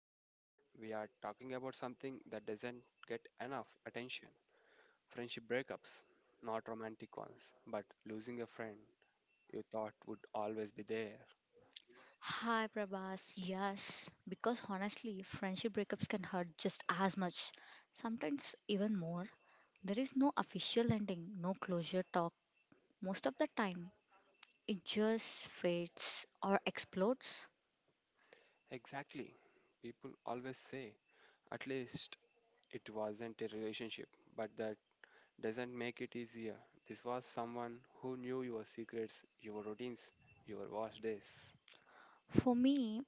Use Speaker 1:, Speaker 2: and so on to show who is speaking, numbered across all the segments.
Speaker 1: Today, we are talking about something that doesn't get enough attention, friendship breakups. Not romantic ones, but losing a friend you thought would always be there.
Speaker 2: Hi Prabhas, yes, because honestly, friendship breakups can hurt just as much, sometimes even more. There is no official ending, no closure talk. Most of the time, it just fades or explodes.
Speaker 1: Exactly. People always say, at least it wasn't a relationship, but that doesn't make it easier. This was someone who knew your secrets, your routines, your worst days.
Speaker 2: For me,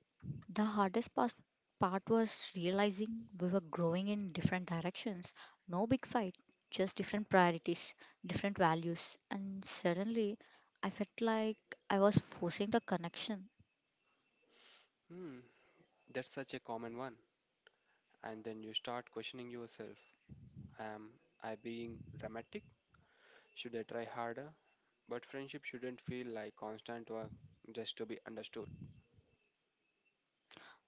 Speaker 2: the hardest part was realizing we were growing in different directions. No big fight, just different priorities, different values, and suddenly I felt like I was forcing the connection.
Speaker 1: Hmm, that's such a common one. And then you start questioning yourself. Am I being dramatic? Should I try harder? But friendship shouldn't feel like constant work just to be understood.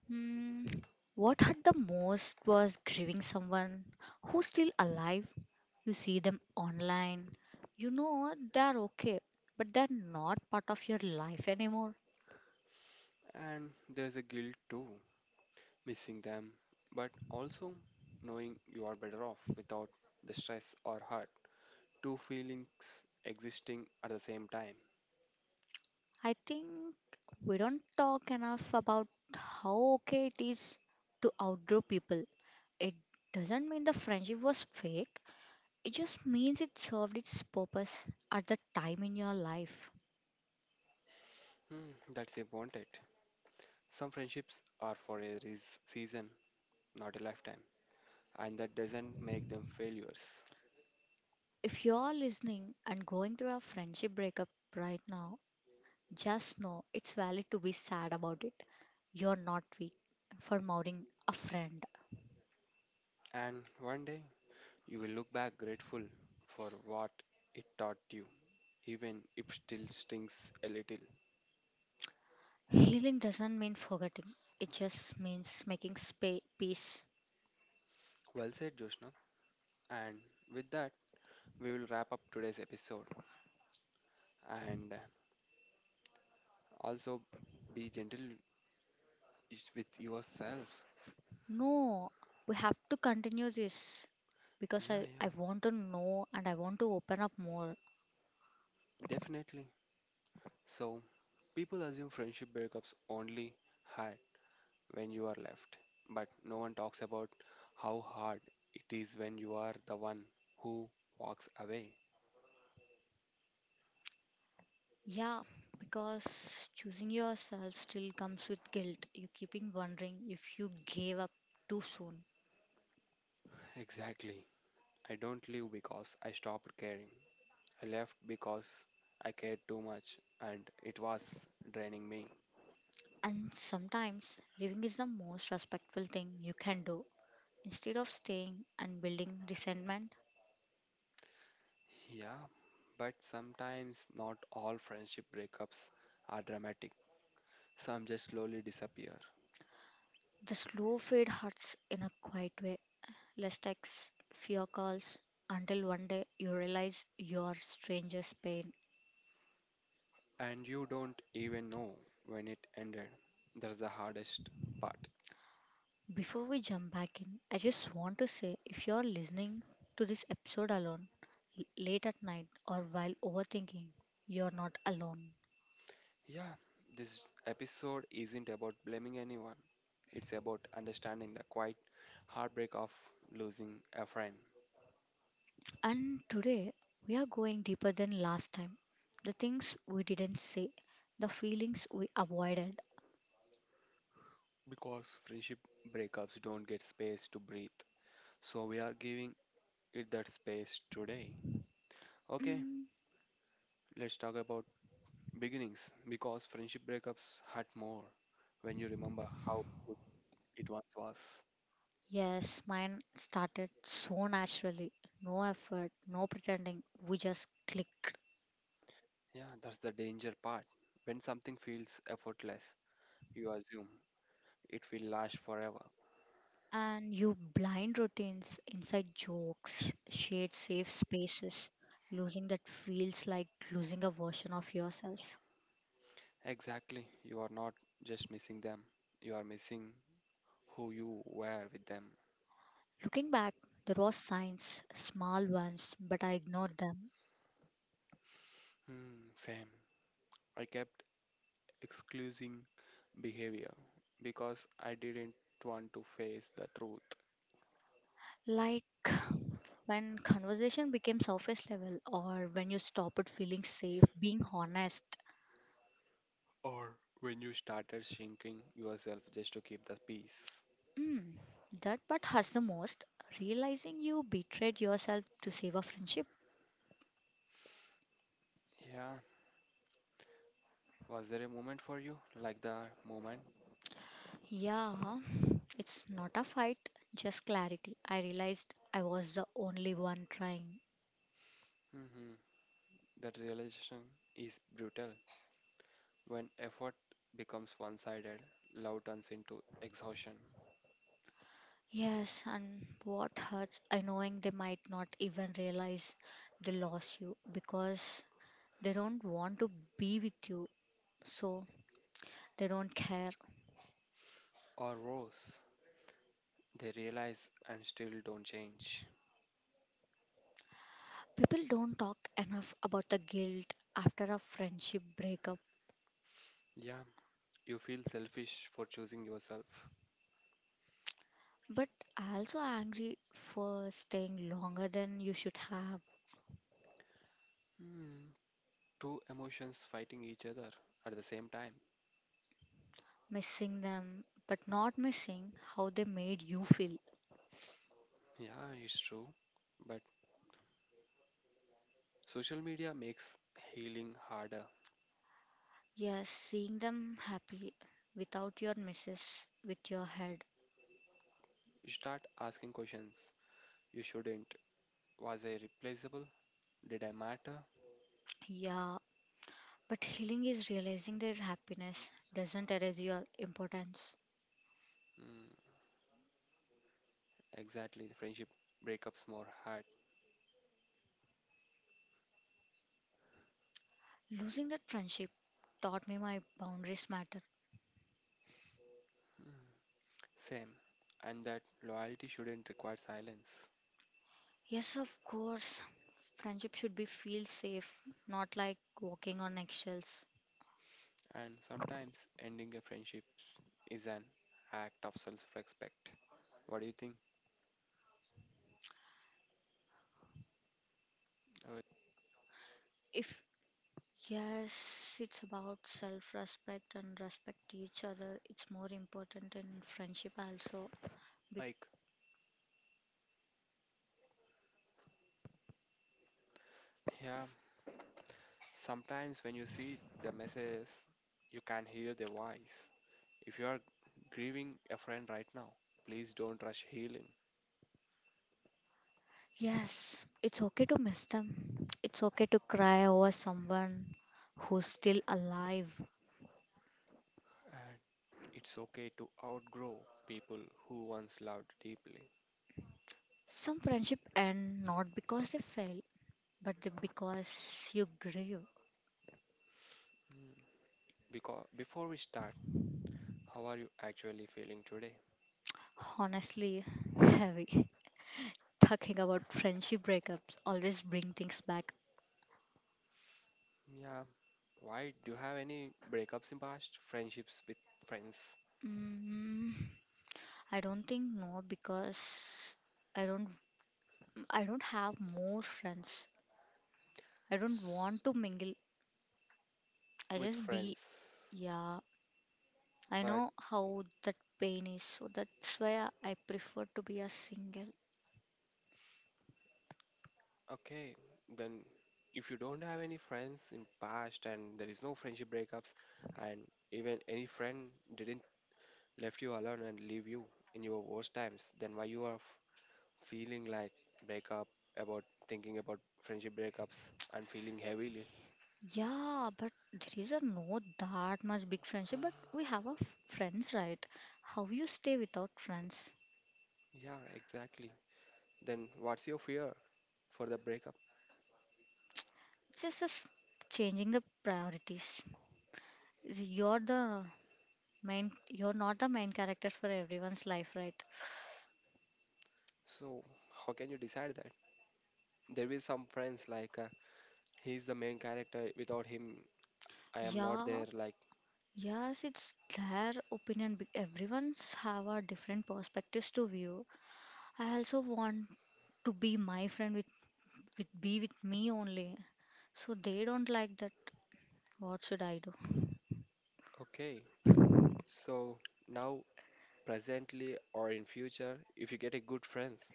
Speaker 2: Hmm, what hurt the most was grieving someone who's still alive. You see them online. You know they're okay, but they're not part of your life anymore.
Speaker 1: And there's a guilt too, missing them but also knowing you are better off without the stress or hurt, two feelings existing at the same time.
Speaker 2: I think we don't talk enough about how okay it is to outgrow people. It doesn't mean the friendship was fake, it just means it served its purpose at the time in your life.
Speaker 1: That's a wanted. Some friendships are for a season, not a lifetime, and that doesn't make them failures.
Speaker 2: If you're listening and going through a friendship breakup right now, just know it's valid to be sad about it. You're not weak for mourning a friend.
Speaker 1: And one day you will look back grateful for what it taught you, even if still stings a little.
Speaker 2: Healing doesn't mean forgetting, it just means making peace.
Speaker 1: Well said, Joshna. And with that, we will wrap up today's episode. And also be gentle with yourself.
Speaker 2: No, we have to continue this because
Speaker 1: Yeah,
Speaker 2: I
Speaker 1: yeah,
Speaker 2: want to know and I want to open up more.
Speaker 1: definitely. So, people assume friendship breakups only hurt when you are left, but no one talks about how hard it is when you are the one who walks away.
Speaker 2: Yeah, because choosing yourself still comes with guilt. You keeping wondering if you gave up too soon.
Speaker 1: Exactly. I don't live because I stopped caring. I left because I cared too much and it was draining me.
Speaker 2: And sometimes living is the most respectful thing you can do. Instead of staying and building resentment,
Speaker 1: Yeah, but sometimes not all friendship breakups are dramatic. Some just slowly disappear.
Speaker 2: the slow fade hurts in a quiet way. Less texts, fewer calls, until one day you realize your stranger's pain.
Speaker 1: And you don't even know when it ended. That's the hardest part.
Speaker 2: Before we jump back in, I just want to say if you're listening to this episode alone, late at night, or while overthinking, you're not alone.
Speaker 1: Yeah, this episode isn't about blaming anyone, it's about understanding the quiet heartbreak of losing a friend.
Speaker 2: And today, we are going deeper than last time. The things we didn't say, the feelings we avoided.
Speaker 1: Because friendship breakups don't get space to breathe. So we are giving it that space today. Okay,
Speaker 2: Hmm.
Speaker 1: let's talk about beginnings because friendship breakups hurt more when you remember how good it once was.
Speaker 2: Yes, mine started so naturally. No effort, no pretending. We just clicked.
Speaker 1: Yeah, that's the danger part. When something feels effortless, you assume it will last forever.
Speaker 2: And you blind routines, inside jokes, shared safe spaces, losing that feels like losing a version of yourself.
Speaker 1: Exactly, you are not just missing them, you are missing who you were with them.
Speaker 2: Looking back, there was signs, small ones, but I ignored them.
Speaker 1: Same. I kept excluding behavior because I didn't want to face the truth,
Speaker 2: Like when conversation became surface level or when you stopped feeling safe, being honest.
Speaker 1: or when you started shrinking yourself just to keep the peace.
Speaker 2: Mm, that part has the most. Realizing you betrayed yourself to save a friendship.
Speaker 1: Yeah, was there a moment for you like the moment?
Speaker 2: Yeah, huh? It's not a fight, just clarity. I realized I was the only one trying.
Speaker 1: hmm That realization is brutal. When effort becomes one sided, love turns into exhaustion.
Speaker 2: Yes, and what hurts, I knowing they might not even realize they lost you because they don't want to be with you, so they don't care.
Speaker 1: Or worse, they realize and still don't change.
Speaker 2: People don't talk enough about the guilt after a friendship breakup.
Speaker 1: Yeah, you feel selfish for choosing yourself.
Speaker 2: But also angry for staying longer than you should have,
Speaker 1: Hmm. Two emotions fighting each other at the same time.
Speaker 2: missing them, but not missing how they made you feel.
Speaker 1: Yeah, it's true. But social media makes healing harder.
Speaker 2: Yes, seeing them happy without your misses with your head.
Speaker 1: You start asking questions you shouldn't. Was I replaceable? Did I matter?
Speaker 2: Yeah, but healing is realizing their happiness doesn't erase your importance.
Speaker 1: Mm, exactly. The friendship breakups more hard.
Speaker 2: Losing that friendship taught me my boundaries matter.
Speaker 1: Mm, same. And that loyalty shouldn't require silence.
Speaker 2: Yes, of course, friendship should be feel safe, not like walking on eggshells.
Speaker 1: And sometimes ending a friendship is an act of self respect. What do you think, uh,
Speaker 2: If Yes, it's about self respect and respect each other. It's more important in friendship also. Be-
Speaker 1: Mike? Yeah, sometimes when you see the messages, you can hear their voice. If you are grieving a friend right now, please don't rush healing.
Speaker 2: Yes, it's okay to miss them. It's okay to cry over someone who's still alive.
Speaker 1: And it's okay to outgrow people who once loved deeply.
Speaker 2: Some friendship end not because they fail, but because you grieve.
Speaker 1: Hmm. Because before we start, how are you actually feeling today?
Speaker 2: Honestly, heavy. Talking about friendship breakups always bring things back.
Speaker 1: Yeah. Why do you have any breakups in past? Friendships with friends,
Speaker 2: Mm. I don't think no because I don't I don't have more friends. I don't
Speaker 1: S-
Speaker 2: want to mingle. I
Speaker 1: with
Speaker 2: just be,
Speaker 1: friends,
Speaker 2: yeah. I
Speaker 1: but
Speaker 2: know how that pain is, so that's why I prefer to be a single.
Speaker 1: okay, then if you don't have any friends in past and there is no friendship breakups and even any friend didn't left you alone and leave you in your worst times, then why you are feeling like breakup about thinking about friendship breakups and feeling heavily?
Speaker 2: Yeah, but there is a no that much big friendship, but we have a friends, right? How you stay without friends?
Speaker 1: Yeah, exactly. Then what's your fear for the breakup?
Speaker 2: Just as changing the priorities. You're the main. You're not the main character for everyone's life, right?
Speaker 1: So how can you decide that? There will some friends like he's the main character. Without him, I am not
Speaker 2: Yeah,
Speaker 1: there. Like
Speaker 2: yes, it's their opinion. Everyone's have a different perspectives to view. I also want to be my friend with be with me only. So they don't like that. What should I do?
Speaker 1: okay, so now presently or in future if you get a good friends,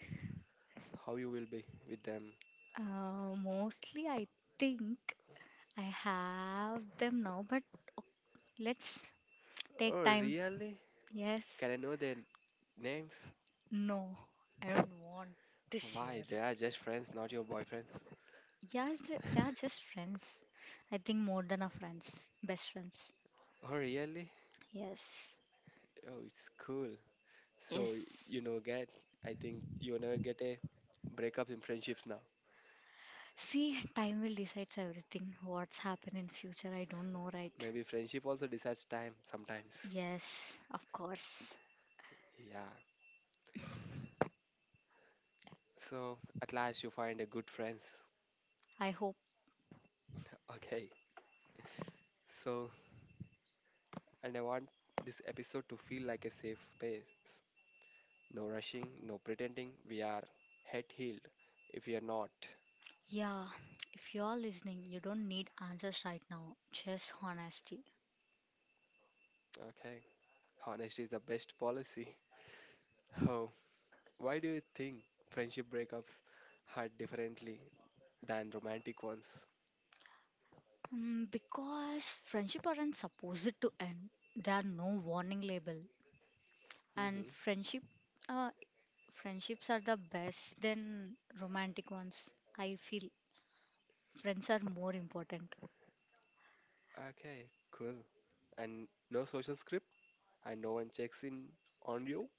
Speaker 1: how you will be with them?
Speaker 2: Mostly, I think I have them now, but let's take
Speaker 1: Oh
Speaker 2: time.
Speaker 1: really?
Speaker 2: Yes.
Speaker 1: Can I know their names?
Speaker 2: No, I don't want to
Speaker 1: Why
Speaker 2: share.
Speaker 1: they are just friends, not your boyfriends?
Speaker 2: Yes, they are just friends. I think more than our friends, best friends.
Speaker 1: Oh really?
Speaker 2: Yes,
Speaker 1: Oh, it's cool. So
Speaker 2: yes.
Speaker 1: you know get. I think you will never get a breakup in friendships now.
Speaker 2: See, time will decide everything. What's happen in future, I don't know, right?
Speaker 1: Maybe friendship also decides time sometimes.
Speaker 2: Yes, of course.
Speaker 1: Yeah, so at last you find a good friends.
Speaker 2: I hope.
Speaker 1: Okay, so and I want this episode to feel like a safe space. No rushing, no pretending. We are head healed if we are not.
Speaker 2: Yeah, if you're listening, you don't need answers right now, just honesty.
Speaker 1: Okay. Honesty is the best policy. Oh, why do you think friendship breakups hurt differently than romantic ones?
Speaker 2: Because friendship aren't supposed to end. There are no warning label, and
Speaker 1: hmm
Speaker 2: friendship, uh, friendships are the best than romantic ones. I feel friends are more important.
Speaker 1: Okay, cool. And no social script, and no one checks in on you?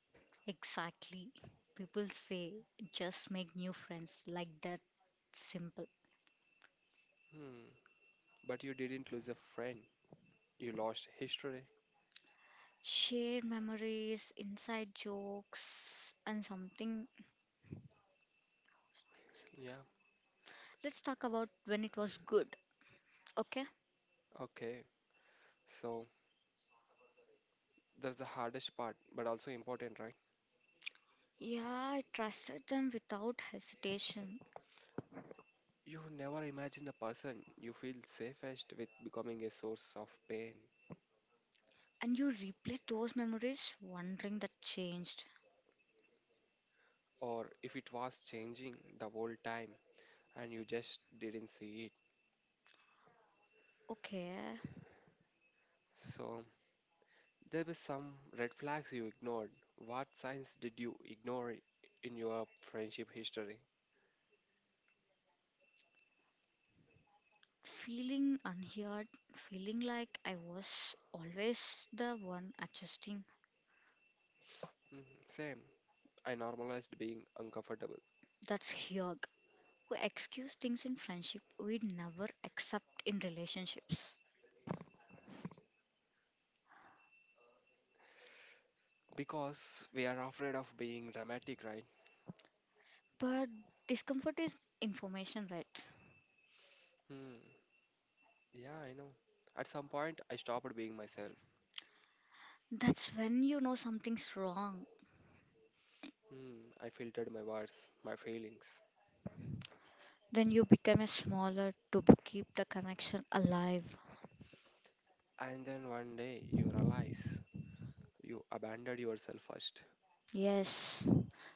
Speaker 2: Exactly, people say just make new friends like that. Simple.
Speaker 1: Hmm. But you didn't lose a friend. You lost history.
Speaker 2: Share memories, inside jokes, and something.
Speaker 1: Yeah.
Speaker 2: Let's talk about when it was good. Okay.
Speaker 1: Okay. So that's the hardest part, but also important, right?
Speaker 2: Yeah, I trusted them without hesitation.
Speaker 1: You never imagine the person you feel safest with becoming a source of pain,
Speaker 2: And you replay those memories wondering that changed.
Speaker 1: or if it was changing the whole time and you just didn't see it.
Speaker 2: Okay,
Speaker 1: So, there were some red flags you ignored. What signs did you ignore in your friendship history?
Speaker 2: feeling unheard, feeling like I was always the one adjusting.
Speaker 1: Mm, same. I normalized being uncomfortable
Speaker 2: That's Hyog, who excuse things in friendship we never accept in relationships.
Speaker 1: because we are afraid of being dramatic, right?
Speaker 2: But discomfort is information, right?
Speaker 1: Hmm. Yeah, I know. At some point, I stopped being myself.
Speaker 2: That's when you know something's wrong.
Speaker 1: Hmm. I filtered my words, my feelings,
Speaker 2: Then you become a smaller to keep the connection alive.
Speaker 1: and then one day you realize you abandoned yourself first.
Speaker 2: Yes.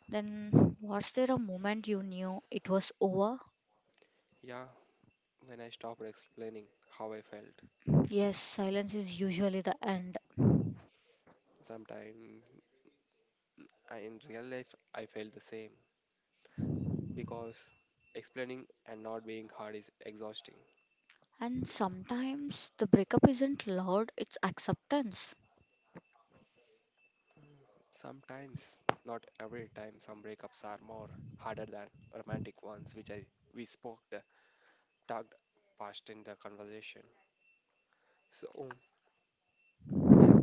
Speaker 2: Then was there a moment you knew it was over?
Speaker 1: Yeah, when I stopped explaining how I felt.
Speaker 2: Yes, silence is usually the end.
Speaker 1: Sometimes in real life I felt the same because explaining and not being hard is exhausting.
Speaker 2: And sometimes the breakup isn't loud, it's acceptance.
Speaker 1: Sometimes, not every time, some breakups are more harder than romantic ones, which I we spoke the talked past in the conversation. So yeah,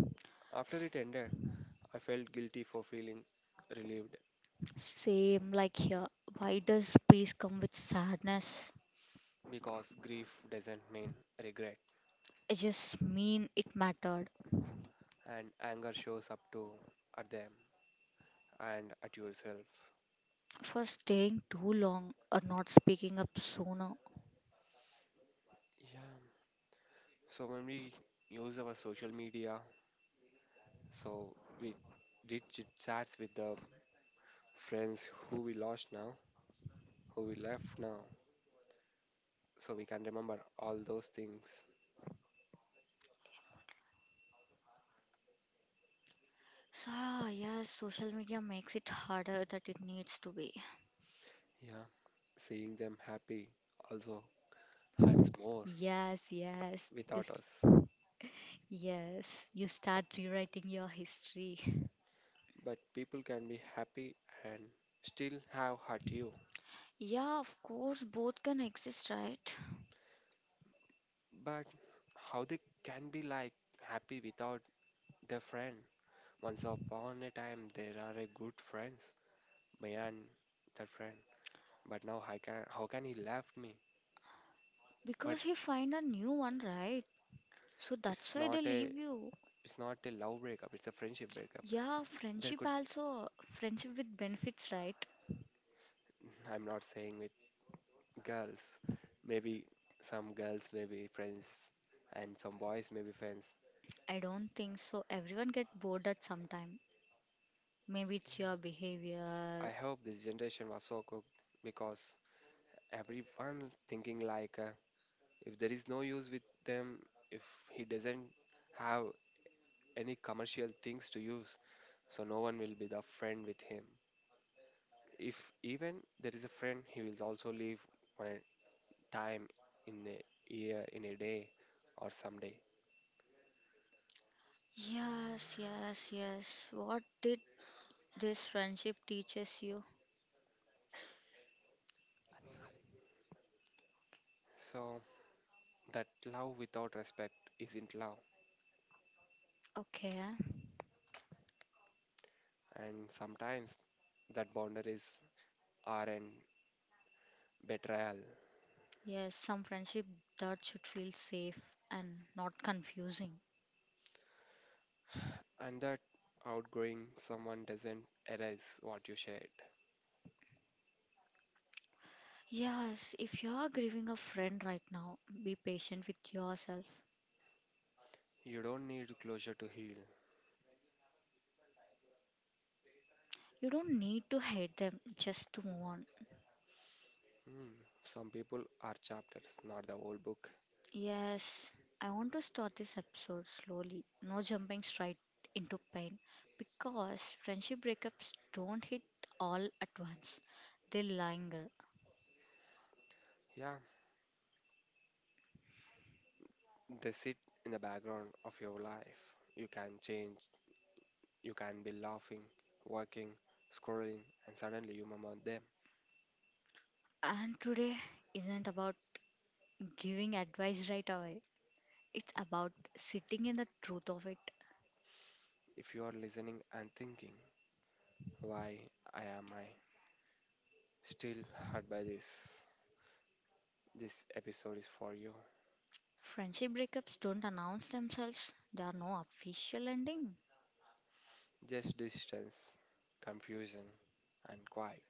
Speaker 1: after it ended, I felt guilty for feeling relieved,
Speaker 2: Same like here. Why does peace come with sadness?
Speaker 1: because grief doesn't mean regret,
Speaker 2: I just mean it mattered
Speaker 1: and anger shows up too, at them and at yourself.
Speaker 2: for staying too long or not speaking up sooner.
Speaker 1: Yeah, so when we use our social media, so we did chit chats with the friends who we lost now, who we left now, so we can remember all those things.
Speaker 2: So, yes, social media makes it harder than it needs to be.
Speaker 1: Yeah, seeing them happy also hurts more
Speaker 2: Yes, yes.
Speaker 1: without us.
Speaker 2: Yes, you start rewriting your history.
Speaker 1: But people can be happy and still have hurt you.
Speaker 2: Yeah, of course, both can exist, right?
Speaker 1: But how they can be like happy without their friend? Once upon a time, there are a good friends, me and that friend. But now, I can how can he left me? But
Speaker 2: Because he find a new one, right? So
Speaker 1: it's
Speaker 2: that's why
Speaker 1: not
Speaker 2: they
Speaker 1: a
Speaker 2: leave you.
Speaker 1: it's not a love breakup. It's a friendship breakup.
Speaker 2: Yeah,
Speaker 1: There
Speaker 2: friendship
Speaker 1: could
Speaker 2: also. Friendship with benefits, right?
Speaker 1: I'm not saying with girls, maybe some girls may be friends and some boys may be friends.
Speaker 2: I don't think so. Everyone get bored at some time. Maybe it's your behavior.
Speaker 1: I hope this generation was so cooked because everyone thinking like if there is no use with them, if he doesn't have any commercial things to use, so no one will be the friend with him. If even there is a friend, he will also leave for a time, in a year, in a day, or someday.
Speaker 2: Yes, yes, yes. What did this friendship teaches you?
Speaker 1: So that love without respect isn't love,
Speaker 2: Okay. Huh?
Speaker 1: and sometimes that boundaries are an betrayal,
Speaker 2: Yes, some friendship that should feel safe and not confusing.
Speaker 1: and that outgrowing someone doesn't erase what you shared.
Speaker 2: Yes, if you are grieving a friend right now, be patient with yourself.
Speaker 1: You don't need closure to heal.
Speaker 2: You don't need to hate them just to move on.
Speaker 1: Hmm, some people are chapters, not the whole book.
Speaker 2: Yes, I want to start this episode slowly, no jumping straight into pain, because friendship breakups don't hit all at once, they linger.
Speaker 1: Yeah, they sit in the background of your life. You can change, you can be laughing, working, scrolling, and suddenly you remember them.
Speaker 2: And today isn't about giving advice right away, it's about sitting in the truth of it.
Speaker 1: If you are listening and thinking, why I am I still hurt by this? This episode is for you.
Speaker 2: Friendship breakups don't announce themselves, there are no official ending.
Speaker 1: Just distance, confusion, and quiet.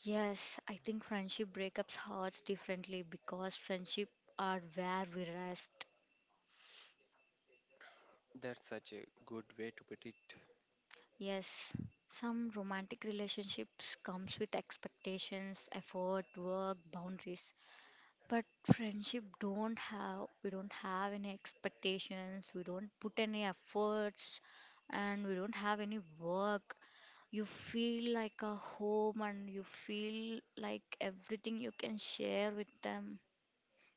Speaker 2: Yes, I think friendship breakups hurts differently because friendship are where we rest.
Speaker 1: That's such a good way to put it.
Speaker 2: Yes, some romantic relationships comes with expectations, effort, work, boundaries. But friendship don't have we don't have any expectations, we don't put any efforts and we don't have any work. You feel like a home and you feel like everything you can share with them,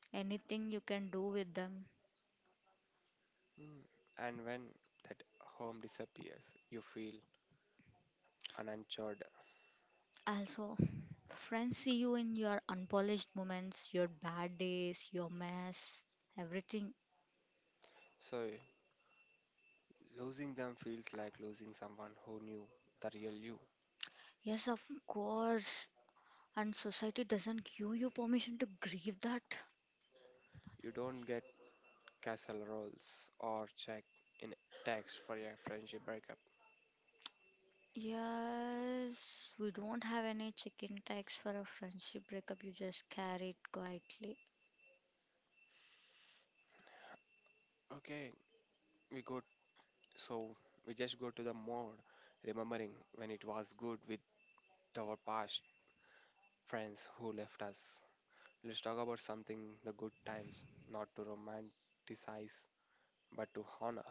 Speaker 2: anything you can do with them.
Speaker 1: Hmm, and when that home disappears, you feel and uncharted.
Speaker 2: Also, friends see you in your unpolished moments, your bad days, your mess, everything.
Speaker 1: So, losing them feels like losing someone who knew the real you.
Speaker 2: Yes, of course. And society doesn't give you permission to grieve that.
Speaker 1: You don't get castle rolls or check in text for a friendship breakup.
Speaker 2: Yes, we don't have any check in tags for a friendship breakup. You just carry it quietly.
Speaker 1: Okay, we go. So, we just go to the mode, remembering when it was good with our past friends who left us. Let's talk about something the good times, not to romanticize, but to honor.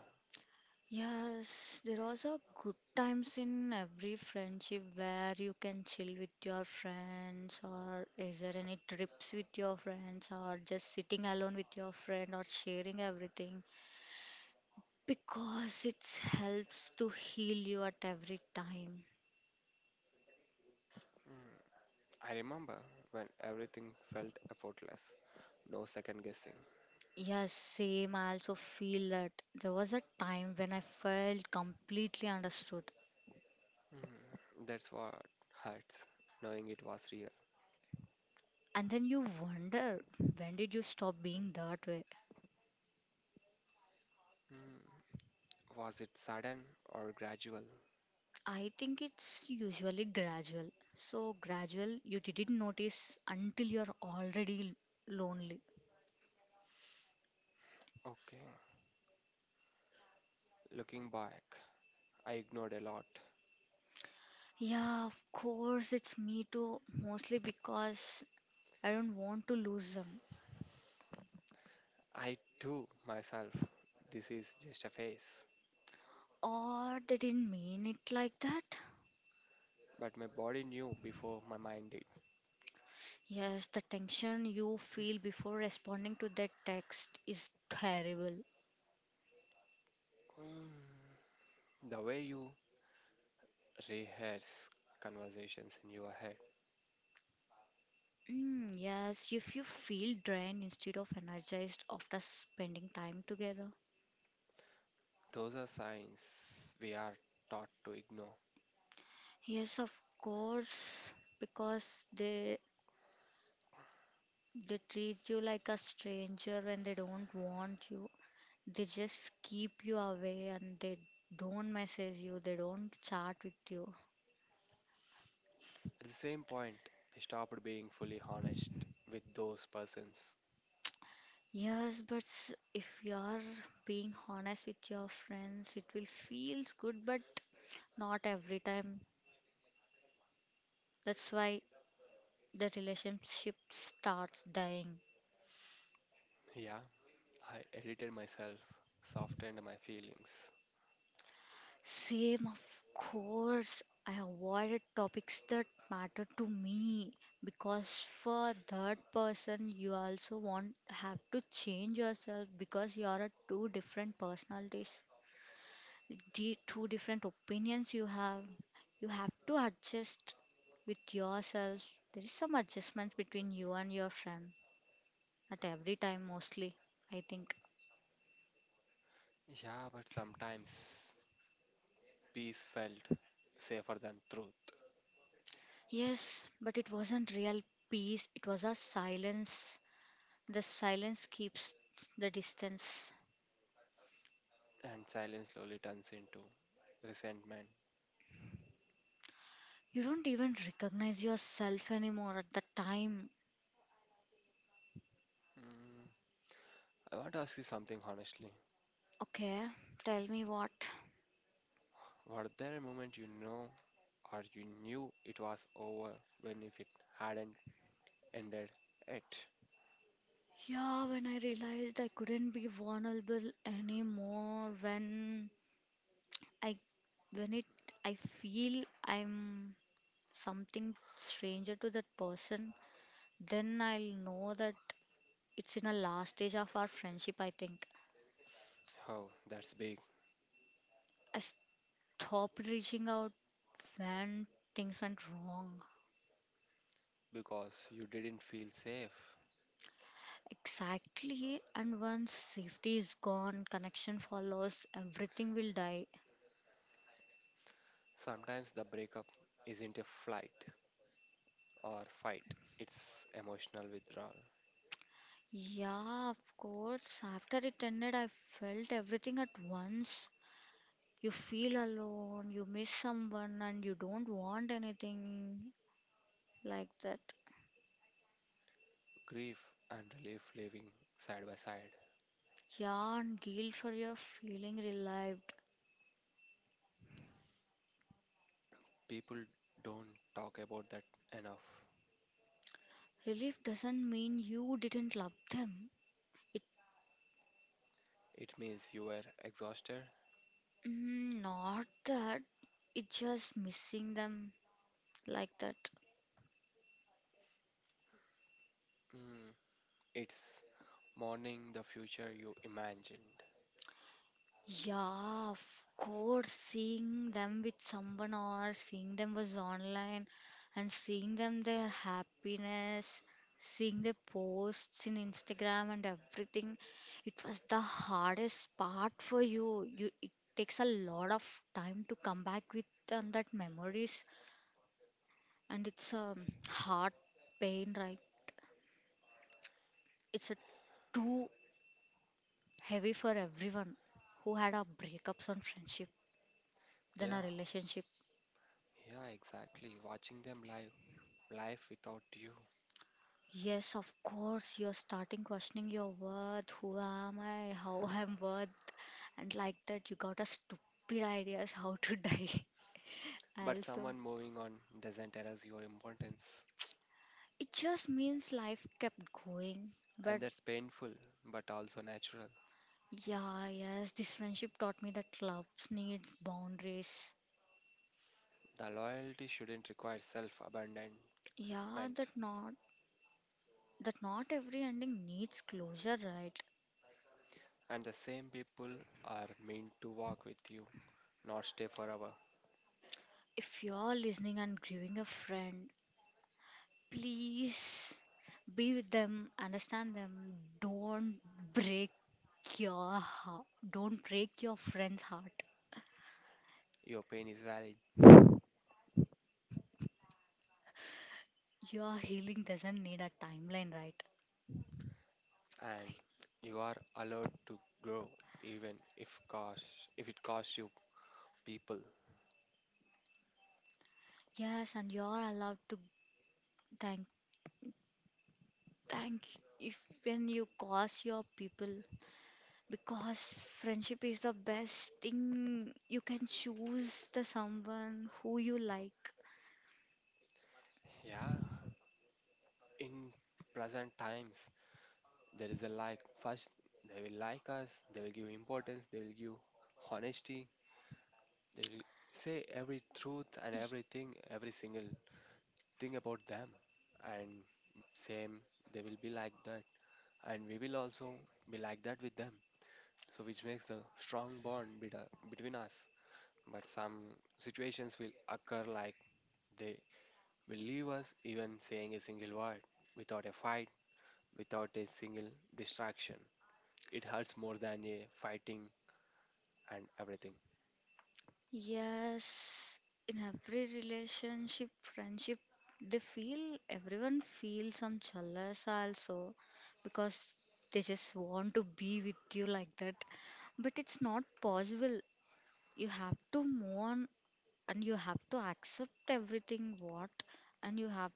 Speaker 2: Yes, there was a good times in every friendship where you can chill with your friends, or is there any trips with your friends, or just sitting alone with your friend, or sharing everything because it helps to heal you at every time.
Speaker 1: Mm, I remember when everything felt effortless, no second guessing.
Speaker 2: Yes, same. I also feel that there was a time when I felt completely understood,
Speaker 1: Mm, that's what hurts, knowing it was real.
Speaker 2: and then you wonder when did you stop being that way.
Speaker 1: Mm, was it sudden or gradual?
Speaker 2: I think it's usually gradual. So gradual, you didn't notice until you're already lonely.
Speaker 1: Okay, looking back, I ignored a lot.
Speaker 2: Yeah, of course, it's me too, mostly because I don't want to lose them.
Speaker 1: I too, myself, this is just a phase.
Speaker 2: Or they didn't mean it like that.
Speaker 1: But my body knew before my mind did.
Speaker 2: Yes, the tension you feel before responding to that text is terrible.
Speaker 1: Mm, the way you rehearse conversations in your head,
Speaker 2: Mm, yes, if you feel drained instead of energized after spending time together.
Speaker 1: those are signs we are taught to ignore.
Speaker 2: Yes, of course, because they treat you like a stranger when they don't want you. They just keep you away and they don't message you, they don't chat with you.
Speaker 1: At the same point, I stopped being fully honest with those persons.
Speaker 2: Yes, but if you are being honest with your friends, it will feels good, but not every time. That's why the relationship starts dying.
Speaker 1: Yeah, I edited myself, softened my feelings.
Speaker 2: Same, of course. I avoided topics that matter to me because for that person, you also want have to change yourself because you are a two different personalities, two different opinions you have. You have to adjust with yourself. There is some adjustments between you and your friend at every time, mostly. I think.
Speaker 1: Yeah, but sometimes peace felt safer than truth,
Speaker 2: Yes, but it wasn't real peace. It was a silence. The silence keeps the distance.
Speaker 1: and silence slowly turns into resentment.
Speaker 2: You don't even recognize yourself anymore at the time.
Speaker 1: Mm, I want to ask you something honestly.
Speaker 2: Okay, tell me what.
Speaker 1: Were there a moment or you knew it was over when if it hadn't ended yet?
Speaker 2: Yeah, when I realized I couldn't be vulnerable anymore, when I when it I feel I'm something stranger to that person, then I'll know that it's in the last stage of our friendship, I think.
Speaker 1: Oh, that's big
Speaker 2: I stopped reaching out when things went wrong.
Speaker 1: because you didn't feel safe.
Speaker 2: Exactly, and once safety is gone, connection follows, everything will die.
Speaker 1: Sometimes the breakup isn't a flight or fight, it's emotional withdrawal.
Speaker 2: Yeah, of course. After it ended, I felt everything at once. You feel alone, you miss someone, and you don't want anything like that.
Speaker 1: Grief and relief living side by side.
Speaker 2: Yeah, and guilt for your feeling relieved.
Speaker 1: People don't talk about that enough.
Speaker 2: Relief doesn't mean you didn't love them. It
Speaker 1: It means you are exhausted.
Speaker 2: Not that. It's just missing them like that.
Speaker 1: Mm, it's mourning the future you imagined.
Speaker 2: Yeah, of course, seeing them with someone or seeing them was online and seeing them their happiness, seeing their posts in Instagram and everything, it was the hardest part for you. It takes a lot of time to come back with that memories and it's a heart pain, right? It's a too heavy for everyone who had a breakups on friendship then
Speaker 1: Yeah,
Speaker 2: a relationship.
Speaker 1: yeah, exactly. Watching them live, life without you.
Speaker 2: Yes, of course, you're starting questioning your worth. Who am I? How I'm worth? And like that, you got a stupid ideas how to die.
Speaker 1: But
Speaker 2: Also,
Speaker 1: someone moving on doesn't erase your importance.
Speaker 2: it just means life kept going.
Speaker 1: And
Speaker 2: But
Speaker 1: that's painful, but also natural.
Speaker 2: yeah, yes, this friendship taught me that loves needs boundaries.
Speaker 1: The loyalty shouldn't require self abandonment.
Speaker 2: Yeah, that not every ending needs closure, right?
Speaker 1: And the same people are meant to walk with you, not stay forever.
Speaker 2: If you're listening and grieving a friend, please be with them, understand them. Don't break your heart. Don't break your friend's heart.
Speaker 1: Your pain is valid,
Speaker 2: Your healing doesn't need a timeline, right?
Speaker 1: and you are allowed to grow, even if cost if it costs you people.
Speaker 2: Yes, and you're allowed to thank thank if when you cause your people because friendship is the best thing you can choose the someone who you like.
Speaker 1: Yeah, in present times there is a like first they will like us, they will give importance, they will give honesty, they will say every truth and
Speaker 2: Y-
Speaker 1: everything, every single thing about them, and same they will be like that, and we will also be like that with them, so which makes a strong bond between us. But some situations will occur like they will leave us even saying a single word, without a fight, without a single distraction. It hurts more than a fighting and everything.
Speaker 2: Yes, in every relationship, friendship, they feel everyone feels some jealous also because they just want to be with you like that. But it's not possible. You have to move on and you have to accept everything what and you have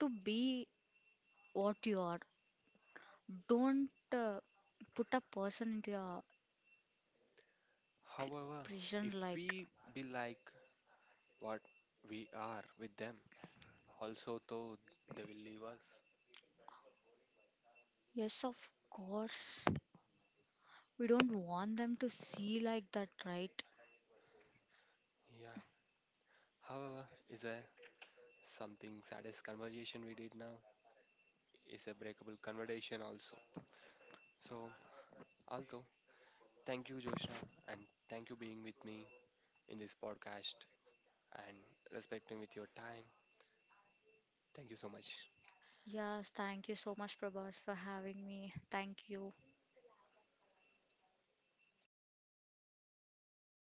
Speaker 2: to be what you are. Don't put a person into a
Speaker 1: However,
Speaker 2: prison
Speaker 1: if
Speaker 2: like,
Speaker 1: we be like what we are with them, also though they will leave us.
Speaker 2: yes, of course. We don't want them to see like that, right?
Speaker 1: Yeah. However, is a something saddest conversation we did now is a breakable conversation also. So, although thank you Joshna, and thank you being with me in this podcast, and respecting with your time. Thank you so much.
Speaker 2: Yes, thank you so much, Prabhas, for having me. Thank you.